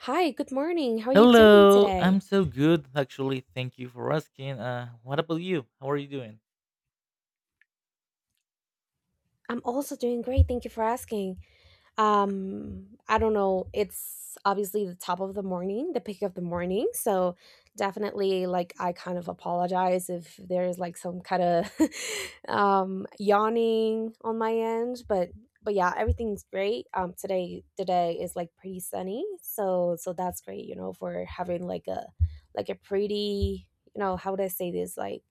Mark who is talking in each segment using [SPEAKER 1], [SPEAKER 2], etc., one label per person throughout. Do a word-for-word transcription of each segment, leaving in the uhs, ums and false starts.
[SPEAKER 1] Hi, good morning. How are you doing
[SPEAKER 2] Hello, I'm
[SPEAKER 1] today?
[SPEAKER 2] so good actually. Thank you for asking. Uh, what about you? How are you doing?
[SPEAKER 1] I'm also doing great. Thank you for asking. Um, I don't know. It's obviously the top of the morning, the peak of the morning. So definitely, like, I kind of apologize if there's like some kind of um, yawning on my end. But but yeah, everything's great. Um, today today is like pretty sunny. So so that's great. You know, for having like a like a pretty. You know, how would I say this? Like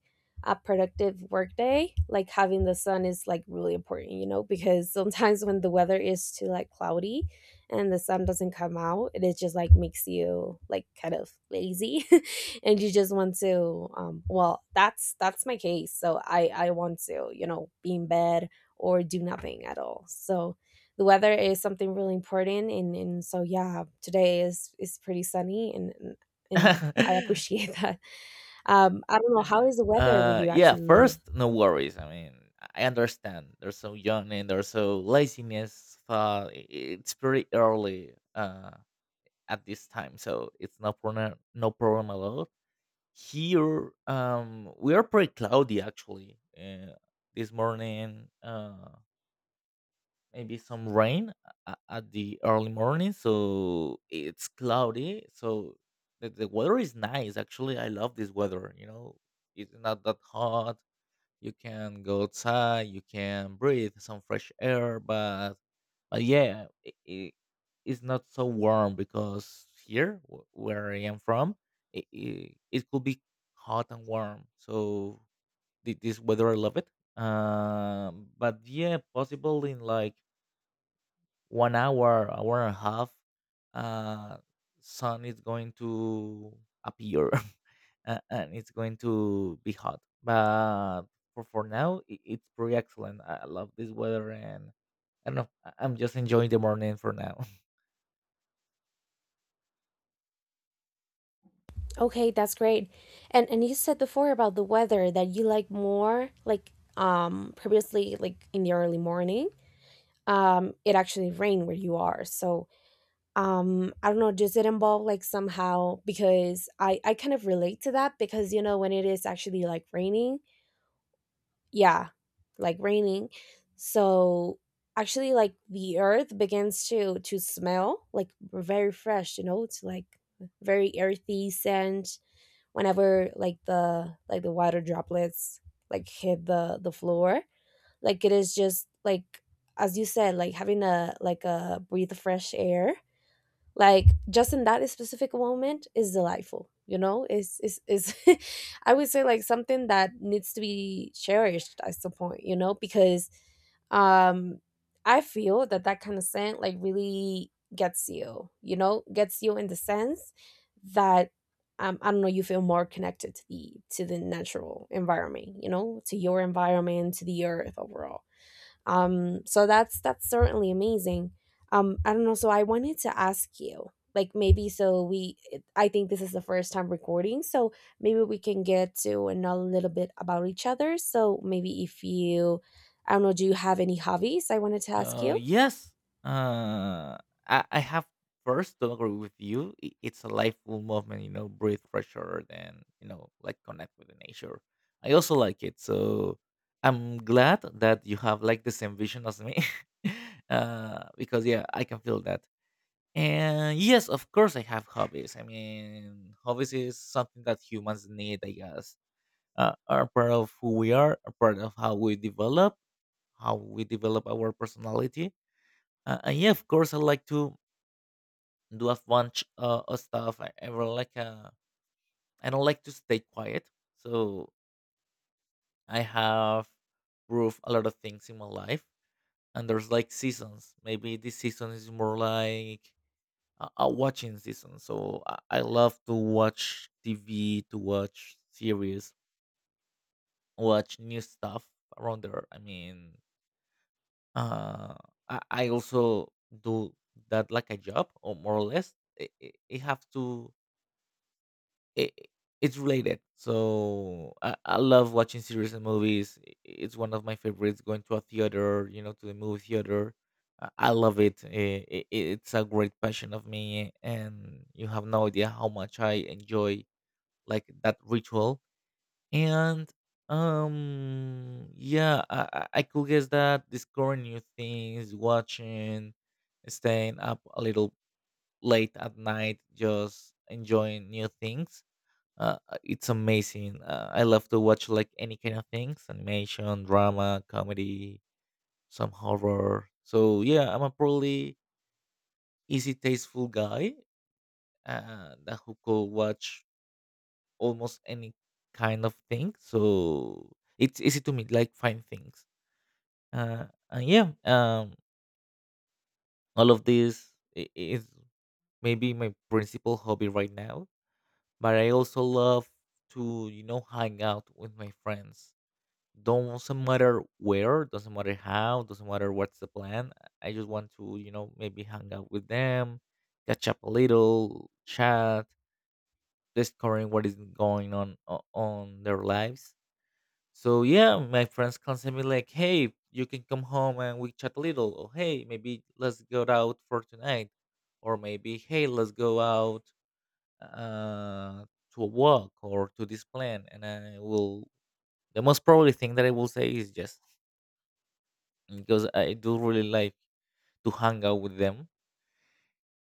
[SPEAKER 1] a productive workday, like having the sun is like really important, you know, because sometimes when the weather is too like cloudy and the sun doesn't come out, it is just like makes you like kind of lazy and you just want to um well, that's that's my case. So I I want to, you know, be in bed or do nothing at all. So the weather is something really important and and so yeah, today is is pretty sunny and and and I appreciate that. Um, I don't know, how is the weather where
[SPEAKER 2] uh,
[SPEAKER 1] you
[SPEAKER 2] yeah,
[SPEAKER 1] actually
[SPEAKER 2] first,
[SPEAKER 1] live?
[SPEAKER 2] no worries. I mean, I understand. They're so young and they're so laziness. Uh, i- it's pretty early uh, at this time, so it's no problem, no problem at all. Here, um, we are pretty cloudy actually. Uh, this morning, uh, maybe some rain uh, a- at the early morning, so it's cloudy, so the, the weather is nice actually. I love this weather, you know. It's not that hot. You can go outside, you can breathe some fresh air, but, but yeah, i i- it's not so warm because here wh- where I am from, it, it, it could be hot and warm. So thi- this weather, I love it. Um but yeah, possible in like one hour, hour and a half, uh, sun is going to appear. Uh, and it's going to be hot. But for, for now, I it's pretty excellent. I I love this weather. And I don't know. I- I'm just enjoying the morning for now.
[SPEAKER 1] Okay, that's great. And and you said before about the weather that you like more, like um previously like in the early morning. Um, it actually rained where you are. So um I don't know, does it involve like somehow because I I kind of relate to that because you know when it is actually like raining yeah, like raining. So actually, like the earth begins to to smell like very fresh. You know, it's like very earthy scent whenever like the like the water droplets like hit the the floor. Like it is just like as you said, like having a like a breathe of fresh air like just in that specific moment is delightful, you know, is is is I would say like something that needs to be cherished at some point, you know, because um I feel that that kind of scent like really gets you, you know, gets you in the sense that um, I don't know, you feel more connected to the to the natural environment, you know, to your environment, to the earth overall. Um, so that's that's certainly amazing. Um, I don't know. So I wanted to ask you, like maybe so we, I think this is the first time recording, so maybe we can get to know a little bit about each other. So maybe if you, I don't know, do you have any hobbies? I wanted to ask
[SPEAKER 2] Uh,
[SPEAKER 1] you.
[SPEAKER 2] yes. Uh, I, I have first to agree with you. I- It's a lifeful movement, you know, breathe fresh air and, you know, like connect with the nature. I also like it. So I'm glad that you have like the same vision as me. Uh, because yeah, I can feel that. And yes, of course, I have hobbies. I mean, hobbies is something that humans need, I guess. Uh, are part of who we are, are part of how we develop, how we develop our personality. Uh, and yeah, of course, I like to do a bunch uh, of stuff. I, I really like uh, I don't like to stay quiet, so I have proved a lot of things in my life. And there's like seasons. Maybe this season is more like a, a watching season. So I, I love to watch T V, to watch series, watch new stuff around there. I mean, uh, I, I also do that like a job, or more or less. It, it, it have to it, it's related. So I, I love watching series and movies. I- It's one of my favorites. Going to a theater, you know, to the movie theater, I, I love it. I- I- It's a great passion of me, and you have no idea how much I enjoy like that ritual. And um, yeah, I, I I could guess that discovering new things, watching, staying up a little late at night, just enjoying new things uh, uh, it's amazing. Uh, I love to watch like any kind of things, animation, drama, comedy, some horror. So yeah, I'm a probably easy tasteful guy uh, that who could watch almost any kind of thing. So it's easy to me like find things. Uh, and yeah, um, all of this i- is maybe my principal hobby right now. But I also love to, you know, hang out with my friends. Doesn't matter where, doesn't matter how, doesn't matter what's the plan. I just want to, you know, maybe hang out with them, catch up a little, chat, discovering what is going on o- on their lives. So yeah, my friends can send me like, hey, you can come home and we chat a little, or hey, maybe let's go out for tonight, or maybe hey, let's go out uh to a walk or to this plan, and I will. The most probably thing that I will say is yes, because I do really like to hang out with them.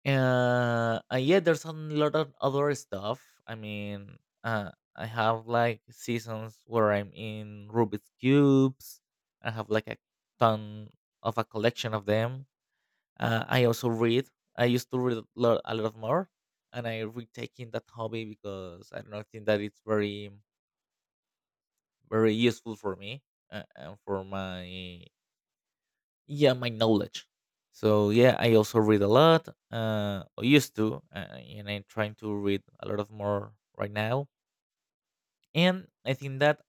[SPEAKER 2] Uh, and yeah, there's a lot of other stuff. I mean, uh, I have like seasons where I'm in Rubik's cubes. I have like a ton of a collection of them. Uh, I also read. I used to read a lot, a lot more, and I retaking that hobby because I don't know, I think that it's very, very useful for me, uh, and for my, yeah, my knowledge. So yeah, I also read a lot, uh or used to, uh, and I'm trying to read a lot of more right now. And I think that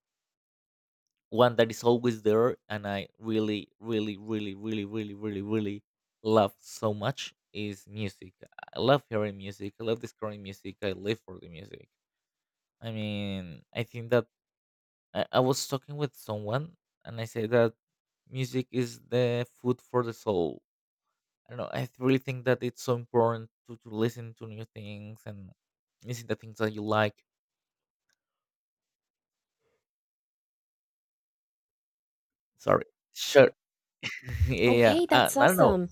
[SPEAKER 2] one that is always there and I really, really, really, really, really, really, really love so much is music. I love hearing music, I love discovering music, I live for the music. I mean, I think that i, I was talking with someone and I said that music is the food for the soul. I don't know. I th- really think that it's so important to, to listen to new things and listen to things that you like. Sorry. Sure. yeah.
[SPEAKER 1] Okay,
[SPEAKER 2] Uh,
[SPEAKER 1] that's
[SPEAKER 2] I don't know.
[SPEAKER 1] awesome.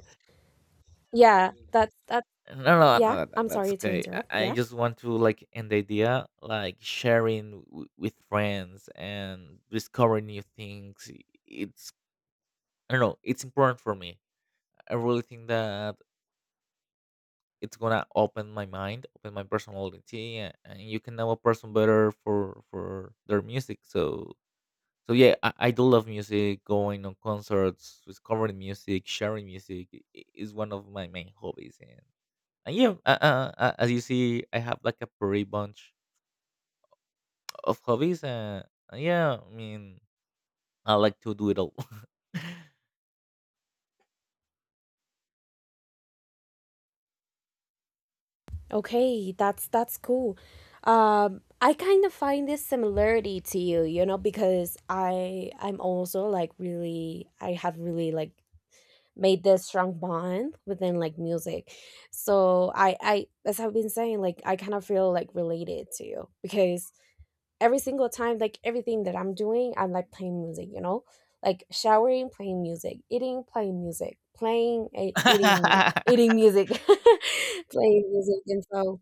[SPEAKER 1] Yeah, that's that.
[SPEAKER 2] No, no, no,
[SPEAKER 1] Yeah,
[SPEAKER 2] no, no,
[SPEAKER 1] I'm
[SPEAKER 2] that's
[SPEAKER 1] sorry to
[SPEAKER 2] okay. I,
[SPEAKER 1] interrupt.
[SPEAKER 2] I
[SPEAKER 1] Yeah.
[SPEAKER 2] just want to like end the idea, like sharing w- with friends and discovering new things. i- It's I don't know. It's important for me. I really think that it's gonna open my mind, open my personality, a- and you can know a person better for for their music. So so yeah, I, I do love music, going on concerts, discovering music, sharing music. I- i- is one of my main hobbies. And, and yeah, uh, uh, uh, uh, as you see, I have like a pretty bunch of hobbies. Uh, yeah, I mean, I like to do it all.
[SPEAKER 1] Okay, that's that's cool. Um, I kind of find this similarity to you, you know, because I I'm also like really I have really like made this strong bond within like music. So I I as I've been saying, like I kind of feel like related to you because every single time, like everything that I'm doing, I'm like playing music, you know, like showering, playing music, eating, playing music, playing, eh, eating, mu- eating music, playing music, and so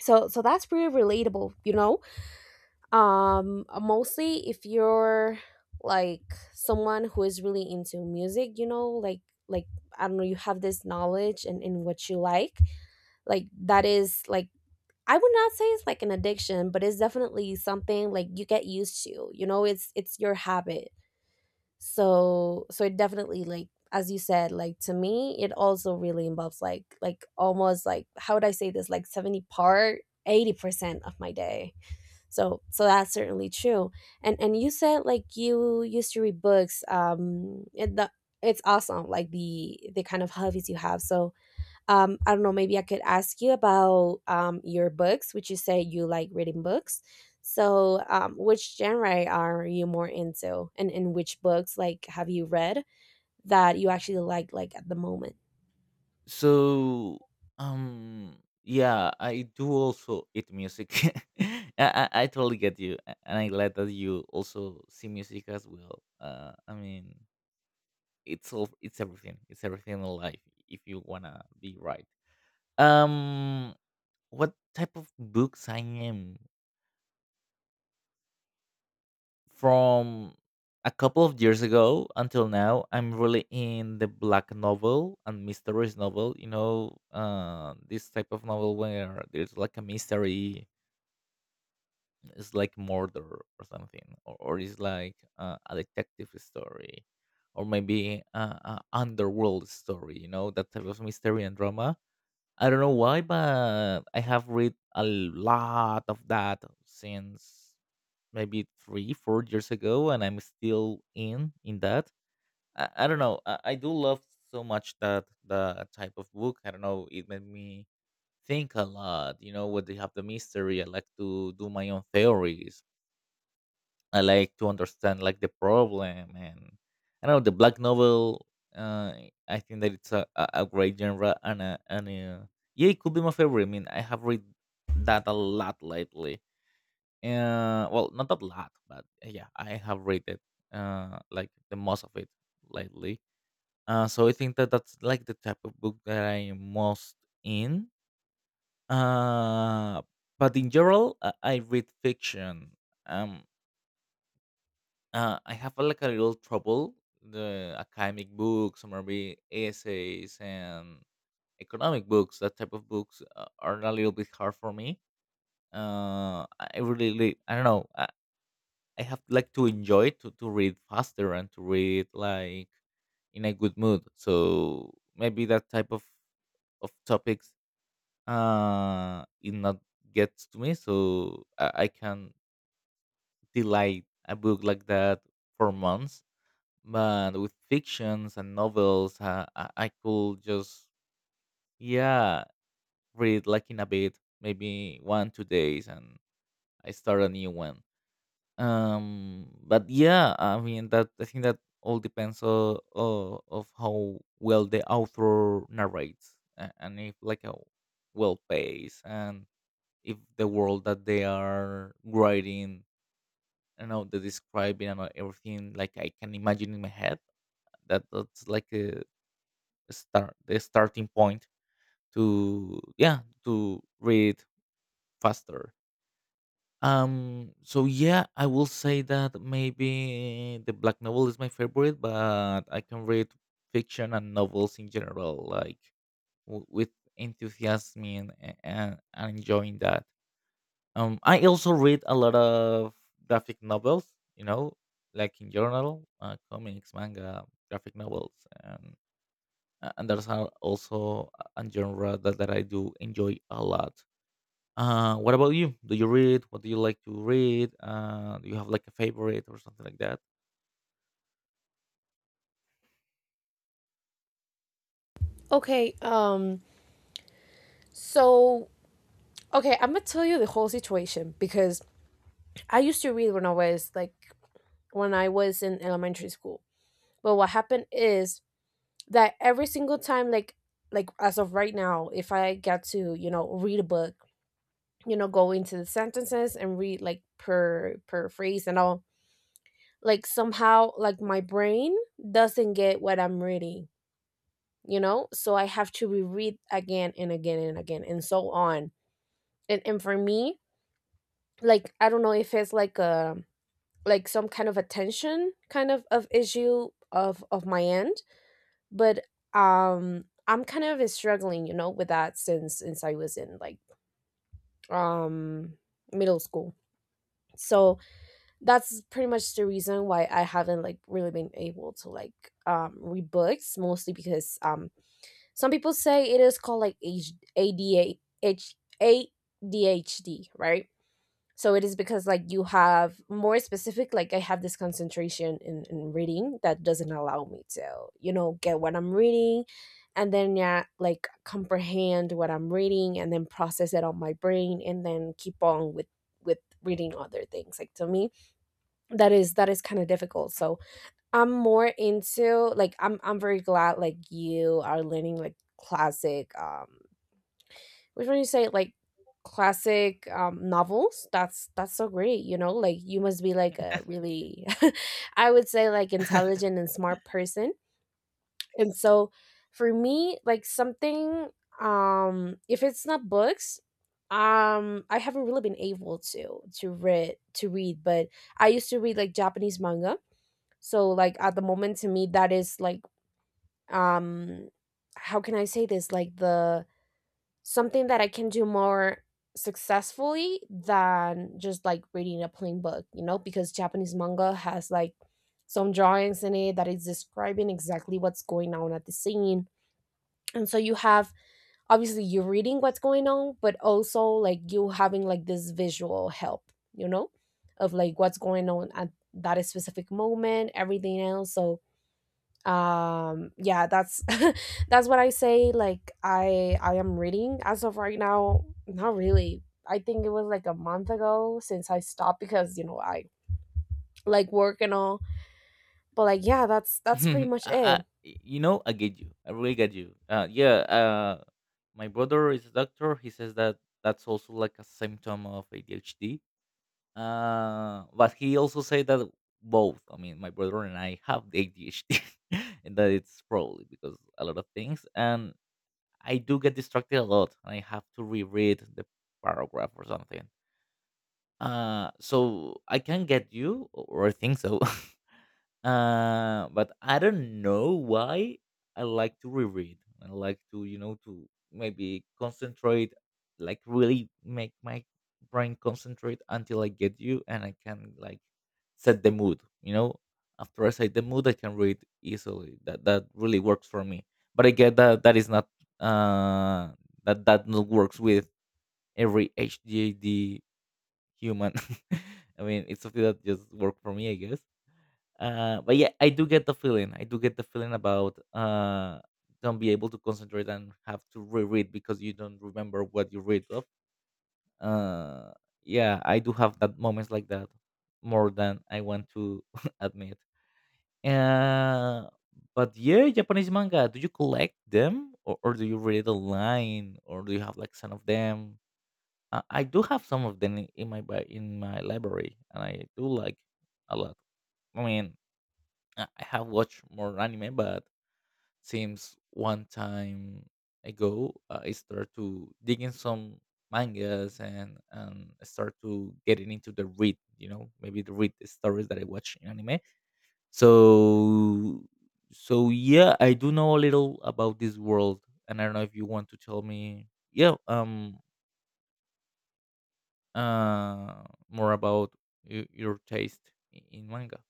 [SPEAKER 1] so so that's pretty relatable, you know. um mostly if you're like someone who is really into music, you know, like like I don't know, you have this knowledge and in, in what you like like that is like I would not say it's like an addiction, but it's definitely something like you get used to, you know, it's it's your habit. So so it definitely like as you said, like to me it also really involves like like almost like how would I say this, like seventy part eighty percent of my day. So so that's certainly true. And and you said like you used to read books, um it, the, it's awesome like the the kind of hobbies you have. So um I don't know, maybe I could ask you about um your books which you say you like reading books. So um which genre are you more into and in which books like have you read that you actually like like at the moment?
[SPEAKER 2] So um yeah, I do also eat music. I, I I totally get you, a- and I glad that you also see music as well. uh I mean, it's all, it's everything, it's everything in life, if you wanna be right. Um, what type of books I am, from a couple of years ago until now, I'm really in the black novel and mysteries novel, you know. Uh this type of novel where there's like a mystery, it's like murder or something, or, or it's like uh, a detective story, or maybe uh, a underworld story, you know, that type of mystery and drama. I don't know why, but I have read a lot of that since maybe three, four years ago, and I'm still in in that. I, I don't know. I, I do love so much that the type of book. I don't know. It made me think a lot. You know, when they have the mystery, I like to do my own theories. I like to understand like the problem. And I don't know, the black novel, uh, I think that it's a, a, a great genre, and uh and uh yeah, it could be my favorite. I mean, I have read that a lot lately. Uh, well, not a lot, but uh, yeah, I have read it. Uh, like the most of it lately. Uh, so I think that that's like the type of book that I'm most in. Uh, but in general, I, I read fiction. Um, Uh, I have uh, like a little trouble the academic books, or maybe essays and economic books. That type of books uh, are a little bit hard for me. Uh, I really, really, I don't know. I, I have like to enjoy to to read faster and to read like in a good mood. So maybe that type of of topics uh it not gets to me. So I, I can delay a book like that for months. But with fictions and novels, uh, I, I could just, yeah, read like in a bit, maybe one two days, and I start a new one. Um but yeah, I mean that I think that all depends on, uh, of how well the author narrates, a- and if like a well pace, and if the world that they are writing, I know the describing and everything, like I can imagine in my head, that that's like a start, the starting point to, yeah, to read faster. Um so yeah, I will say that maybe the black novel is my favorite, but I can read fiction and novels in general, like w- with enthusiasm, and, and, and enjoying that. um I also read a lot of graphic novels, you know, like in journal, uh, comics, manga, graphic novels. And uh, and that's how also a a genre that, that I do enjoy a lot. Uh, what about you? Do you read? What do you like to read? Uh, do you have like a favorite or something like that?
[SPEAKER 1] Okay, um, so okay, I'm gonna tell you the whole situation because I used to read when I was like when I was in elementary school. But what happened is that every single time, like like as of right now, if I get to, you know, read a book, you know, go into the sentences and read like per per phrase and all, like somehow like my brain doesn't get what I'm reading, you know. So I have to reread again and again and again and so on. And and for me, like I don't know if it's like a like some kind of attention kind of of issue of of my end, but um I'm kind of struggling, you know, with that since since I was in like um middle school. So that's pretty much the reason why I haven't like really been able to like um read books, mostly because um some people say it is called like H- ADA H- A D H D, right. So it is because like you have more specific like I have this concentration in, in reading that doesn't allow me to, you know, get what I'm reading and then yeah, like comprehend what I'm reading and then process it on my brain and then keep on with with reading other things. Like to me that is that is kind of difficult. So I'm more into like i'm i'm very glad like you are learning like classic um which when you say like classic um novels, that's that's so great, you know, like you must be like a really I would say like intelligent and smart person. And so for me like something um if it's not books, um I haven't really been able to to read to read, but I used to read like Japanese manga. So like at the moment to me that is like um how can I say this, like the something that I can do more successfully than just like reading a plain book, you know, because Japanese manga has like some drawings in it that is describing exactly what's going on at the scene. And so you have obviously you're reading what's going on, but also like you having like this visual help, you know, of like what's going on at that specific moment, everything else. So um yeah, that's that's what I say, like i i am reading as of right now, not really. I think it was like a month ago since I stopped because you know I like work and all, but like yeah, that's that's pretty
[SPEAKER 2] I,
[SPEAKER 1] much
[SPEAKER 2] I,
[SPEAKER 1] it.
[SPEAKER 2] you know, I get you. I really get you. Uh, yeah. Uh, my brother is a doctor. He says that that's also like a symptom of A D H D. Uh, but he also said that both. I mean, my brother and I have the A D H D, and that it's probably because a lot of things. And I do get distracted a lot, and I have to reread the paragraph or something. Uh, so I can get you, or I think so. Uh, but I don't know why I like to reread. I like to, you know, to maybe concentrate, like really make my brain concentrate until I get you and I can like set the mood, you know. After I set the mood, I can read easily. That that really works for me. But I get that that is not uh that that not works with every H G A D human. I mean, it's something that just worked for me, I guess. Uh, but yeah, I do get the feeling. I do get the feeling about, uh, don't be able to concentrate and have to reread because you don't remember what you read of. Uh, yeah, I do have that moments like that more than I want to admit. Uh, but yeah, Japanese manga. Do you collect them, or, or do you read it online, or do you have like some of them? Uh, I do have some of them in in my bi- in my library, and I do like a lot. I mean, I I have watched more anime, but since one time ago, uh, I started to dig in some mangas and and start to getting into the read. You know, maybe the read stories that I watch in anime. So so yeah, I do know a little about this world, and I don't know if you want to tell me, yeah, um, uh, more about y- your taste i- in manga.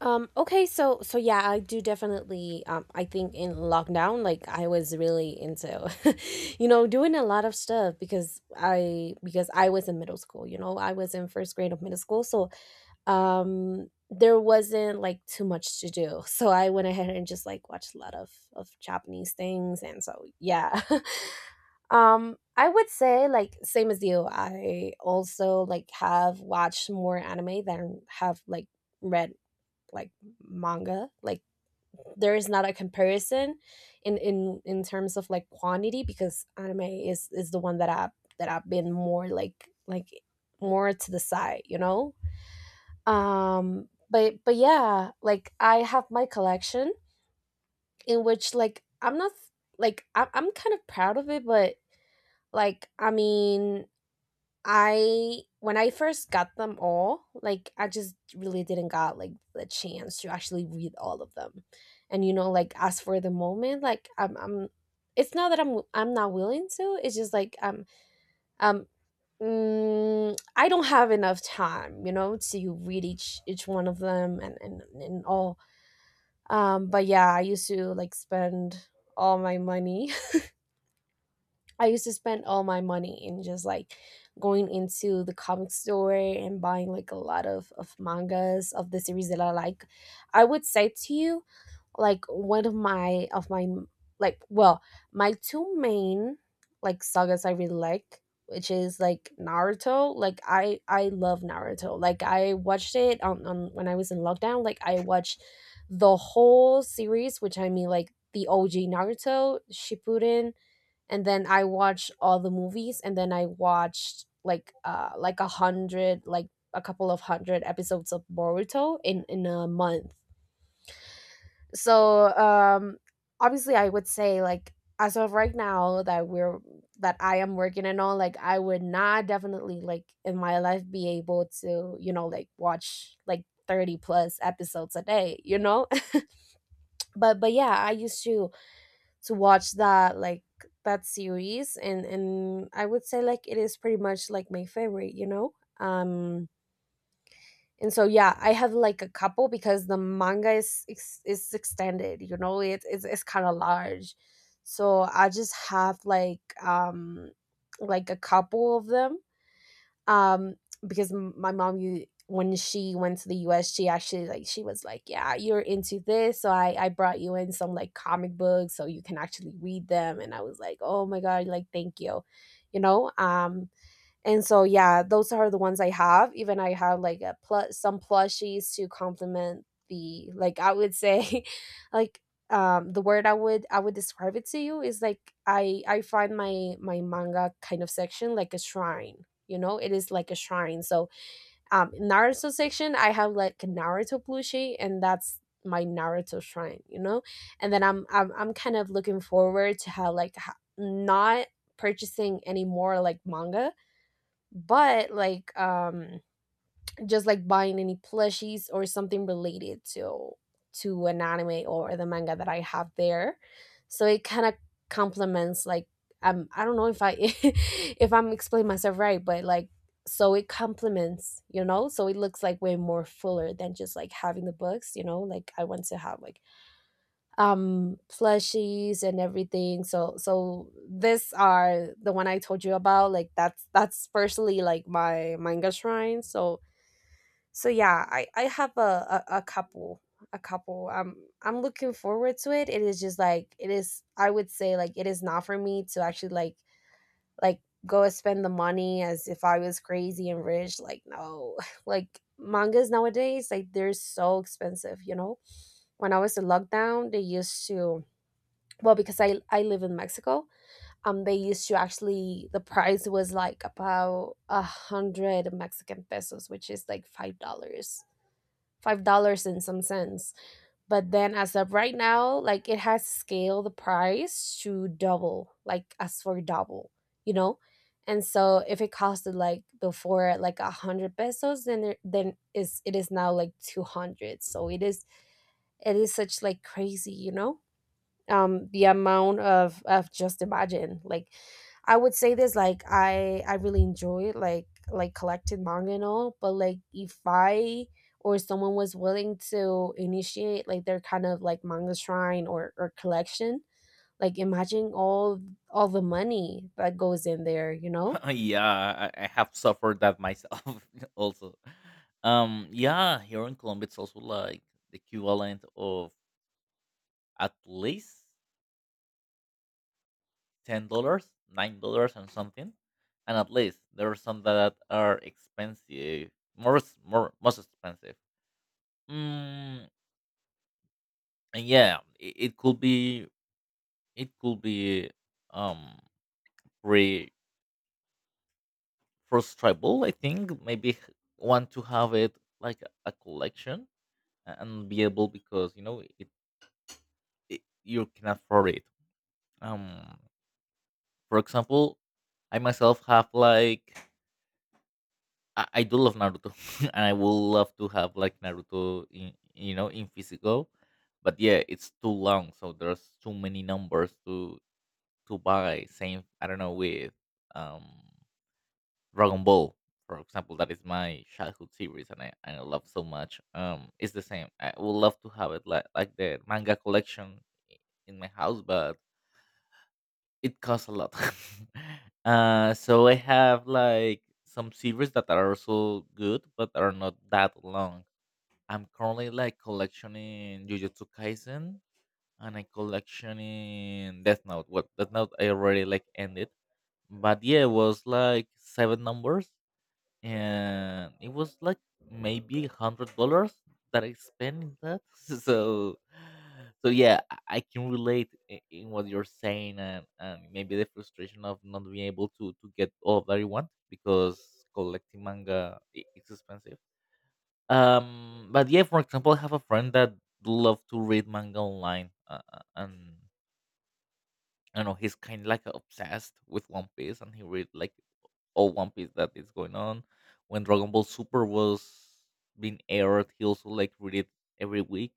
[SPEAKER 1] um okay, so so yeah, I do definitely um I think in lockdown like I was really into you know doing a lot of stuff because i because I was in middle school, you know, I was in first grade of middle school. So um, there wasn't like too much to do. So I went ahead and just like watched a lot of of Japanese things and so yeah. um I would say like same as you. I also like have watched more anime than have like read like manga. Like there is not a comparison in in in terms of like quantity because anime is is the one that I that I've been more like like more to the side, you know? um but but yeah, like I have my collection in which like I'm not like I- I'm kind of proud of it, but like I mean, I when I first got them all, like I just really didn't got like the chance to actually read all of them. And you know, like as for the moment, like i'm i'm it's not that i'm I'm not willing to, it's just like I'm um mm, I don't have enough time, you know, to read each each one of them and and, and all. Um but yeah, I used to like spend all my money I used to spend all my money in just like going into the comic store and buying like a lot of of mangas of the series that I like. I would say to you like one of my of my like well, my two main like sagas I really like, which is like Naruto. Like i i love Naruto. Like I watched it on, on when I was in lockdown. Like I watched the whole series, which I mean like the OG Naruto Shippuden, and then I watched all the movies, and then I watched like uh like a hundred like a couple of hundred episodes of Boruto in in a month. So um obviously I would say like as of right now that we're that I am working and all, like I would not definitely like in my life be able to, you know, like watch like thirty plus episodes a day, you know? but but yeah, I used to to watch that like that series, and and I would say like it is pretty much like my favorite, you know? Um and so yeah, I have like a couple because the manga is ex- is extended, you know? It, it's, it's kind of large, so I just have like um like a couple of them. um because m- my mom, you, when she went to the US, she actually, like, she was like, yeah, you're into this, so i i brought you in some like comic books so you can actually read them, and I was like, oh my god, like thank you, you know? Um and so yeah, those are the ones I have. Even I have like a plus some plushies to complement the, like I would say, like um the word I would, I would describe it to you is like, I I find my my manga kind of section like a shrine. You know, it is like a shrine. So um Naruto section, I have like a Naruto plushie, and that's my Naruto shrine, you know? And then I'm I'm I'm kind of looking forward to how like ha- not purchasing any more like manga, but like um just like buying any plushies or something related to to an anime or the manga that I have there. So it kind of complements like, um I don't know if I if I'm explaining myself right, but like, so it complements, you know, so it looks like way more fuller than just like having the books. You know, like I want to have like um plushies and everything. So so this are the one I told you about, like that's that's personally like my manga shrine. So so yeah, i i have a a, a couple. A couple. I'm i'm looking forward to it it is just like it is, I would say like, it is not for me to actually like like go and spend the money as if I was crazy and rich. Like, no. Like mangas nowadays, like they're so expensive, you know? When I was in lockdown, they used to, well, because i i live in Mexico, um they used to, actually the price was like about a hundred Mexican pesos, which is like five dollars. Five dollars in some sense. But then as of right now, like it has scaled the price to double, like as for double, you know? And so if it costed like before like a hundred pesos, then it, then is it is now like two hundred. So it is, it is such like crazy, you know? Um the amount of of just imagine like, I would say this, like i i really enjoy like like collected manga and all, but like if I or someone was willing to initiate like their kind of like manga shrine or or collection, like imagine all all the money that goes in there, you know?
[SPEAKER 2] Yeah, I, I have suffered that myself also. Um, yeah, here in Colombia, it's also like the equivalent of at least ten dollars, nine dollars, and something, and at least there are some that are expensive, more, s- more, most expensive. Mm, and yeah, it, it could be, it could be, um, pretty frustrable. I think maybe h- want to have it like a a collection, uh, unbeatable because you know it, it you can afford it. Um, for example, I myself have like, I, I do love Naruto, and I will love to have like Naruto in, you know, in physical, but yeah, it's too long, so there's too many numbers to to buy. Same, I don't know with um Dragon Ball. For example, that is my childhood series, and I, I love so much. Um, it's the same. I would love to have it like like the manga collection in my house, but it costs a lot. Uh, so I have like some series that are also good, but are not that long. I'm currently like collectioning Jujutsu Kaisen, and I collectioning Death Note. Well, Death Note I already like ended, but yeah, it was like seven numbers, and it was like maybe a hundred dollars that I spent in that. So, so yeah, I I can relate i- in what you're saying, and, and maybe the frustration of not being able to to get all that you want because collecting manga i- is expensive. Um, but yeah, for example, I have a friend that love to read manga online, uh, uh, and I don't know, he's kind of like obsessed with One Piece, and he read like all One Piece that is going on. When Dragon Ball Super was being aired, he also like read it every week.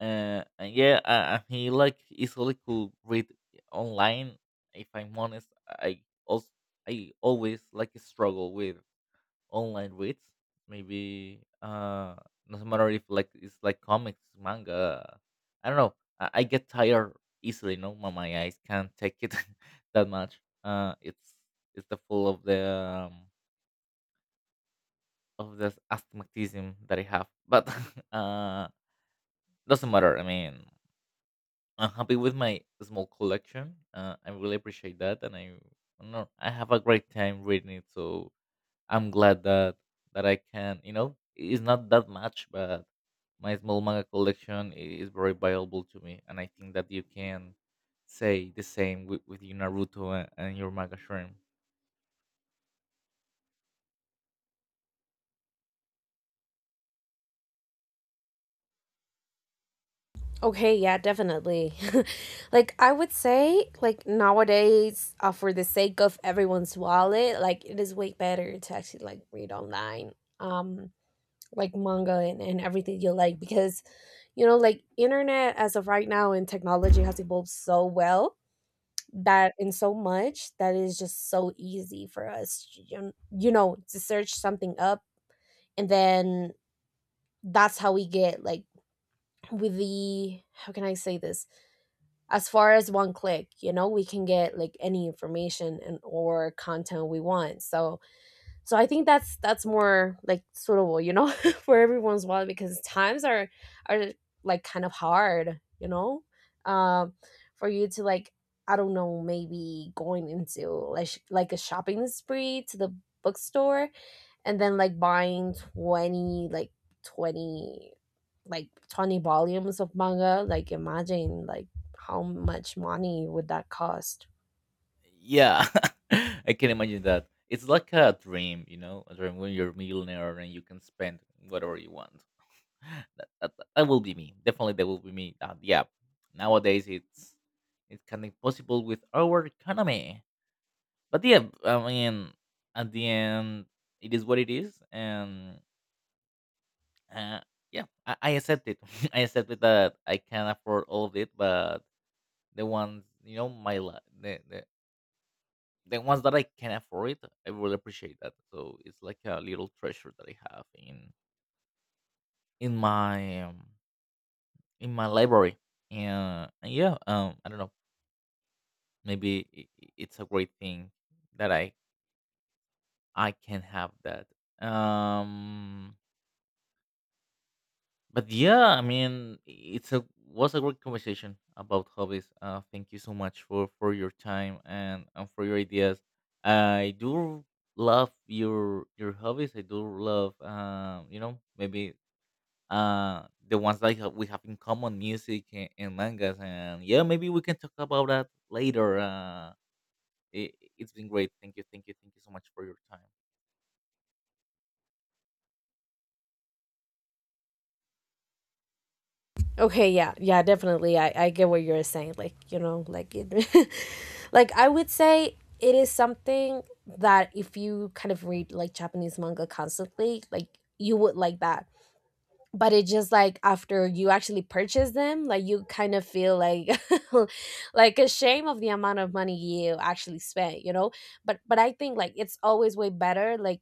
[SPEAKER 2] Uh, and yeah, uh, and he like easily could read online. If I'm honest, I also, I always like struggle with online reads. Maybe uh, doesn't matter if like it's like comics, manga. I don't know. I, I get tired easily. No, my, my eyes can't take it that much. Uh, it's it's the full of the um, of this astigmatism that I have, but uh, doesn't matter. I mean, I'm happy with my small collection. Uh, I really appreciate that, and I, no, I have a great time reading it. So I'm glad that that I can. You know, it's not that much, but my small manga collection i- is very valuable to me, and I think that you can say the same with, with your Naruto and, and your manga shrimp.
[SPEAKER 1] Okay, yeah, definitely. Like I would say, like nowadays, uh, for the sake of everyone's wallet, like it is way better to actually like read online, um, like manga, and and everything you like, because you know, like internet as of right now and technology has evolved so well that in so much that it is just so easy for us, you you know, to search something up, and then that's how we get like, with the, how can I say this, as far as one click, you know, we can get like any information and or content we want. So so I think that's that's more like suitable, you know, for everyone's wallet, because times are are like kind of hard, you know? um for you to like, I don't know, maybe going into like sh- like a shopping spree to the bookstore, and then like buying twenty, like twenty, like twenty volumes of manga. Like, imagine like how much money would that cost.
[SPEAKER 2] Yeah, I can imagine that it's like a dream, you know, a dream when you're a millionaire and you can spend whatever you want. that, that, that will be me, definitely, that will be me. Uh, yeah, nowadays it's it's kind of possible with our economy, but yeah, I mean, at the end, it is what it is and, uh, yeah, I, I accept it, I accept it that I can't afford all of it, but the ones, you know, my life, the, the the ones that I can afford, I will appreciate that. So it's like a little treasure that I have in in my um, in my library. And, and yeah, um, I don't know. Maybe i- i- it's a great thing that I I can have that. Um, But yeah, I mean, it's a was a great conversation about hobbies. Uh, thank you so much for for your time and and for your ideas. I do love your your hobbies. I do love, um, you know, maybe uh the ones that ha- we have in common, music and, and mangas. And yeah, maybe we can talk about that later. Uh, it, it's been great. Thank you, thank you, thank you so much for your time.
[SPEAKER 1] Okay, yeah, yeah, definitely. I i get what you're saying, like, you know, like it, like I would say it is something that, if you kind of read like Japanese manga constantly, like you would like that. But it just like, after you actually purchase them, like you kind of feel like, like ashamed of the amount of money you actually spent, you know? But but I think like it's always way better, like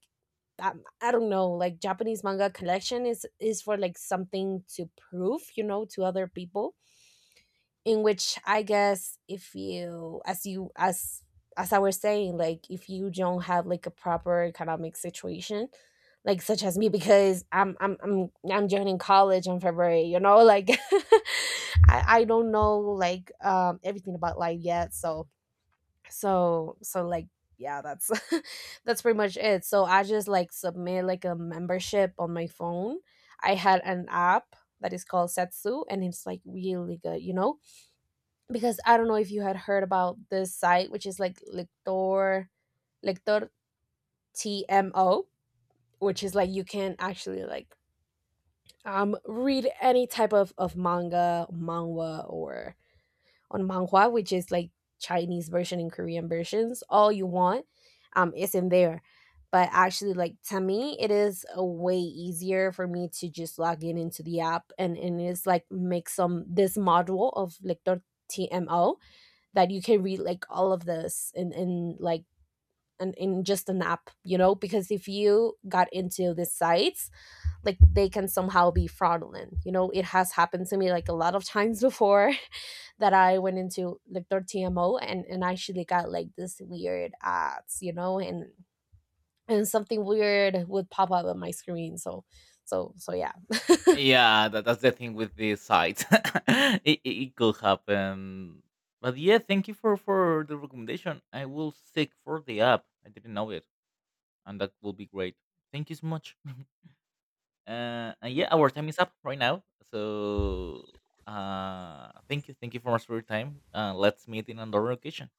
[SPEAKER 1] um, I don't know, like Japanese manga collection is is for like something to prove, you know, to other people. In which I guess if you, as you, as as I was saying, like if you don't have like a proper economic situation like such as me, because i'm i'm i'm, I'm joining college in February, you know, like i i don't know like, um, everything about life yet. So so so like, yeah, that's, that's pretty much it. So I just like submit like a membership on my phone. I had an app that is called Setsu, and it's like really good, you know? Because I don't know if you had heard about this site, which is like Lector Lector T M O, which is like you can actually like, um, read any type of of manga, manhwa, or on manhwa, which is like Chinese version and Korean versions. All you want, um, it's in there. But actually, like to me, it is a way easier for me to just log in into the app, and and it's like make some this module of Lector T M O, that you can read like all of this in in like an, in just an app, you know? Because if you got into these sites, like they can somehow be fraudulent, you know? It has happened to me like a lot of times before. That I went into like their TMO, and and actually got like this weird ads, you know? And and something weird would pop up on my screen. So so so yeah.
[SPEAKER 2] Yeah, that, that's the thing with this sites. It, it it could happen. But yeah, thank you for for the recommendation. I will seek for the app. I didn't know it, and that will be great. Thank you so much. Uh, and yeah, our time is up right now. So, uh, thank you, thank you for much for your time. Uh, let's meet in another occasion.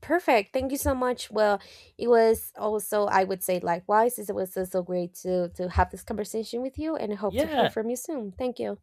[SPEAKER 1] Perfect. Thank you so much. Well, it was also, I would say, likewise. It was so so great to to have this conversation with you, and hope to hear
[SPEAKER 2] Yeah.
[SPEAKER 1] from you soon. Thank you.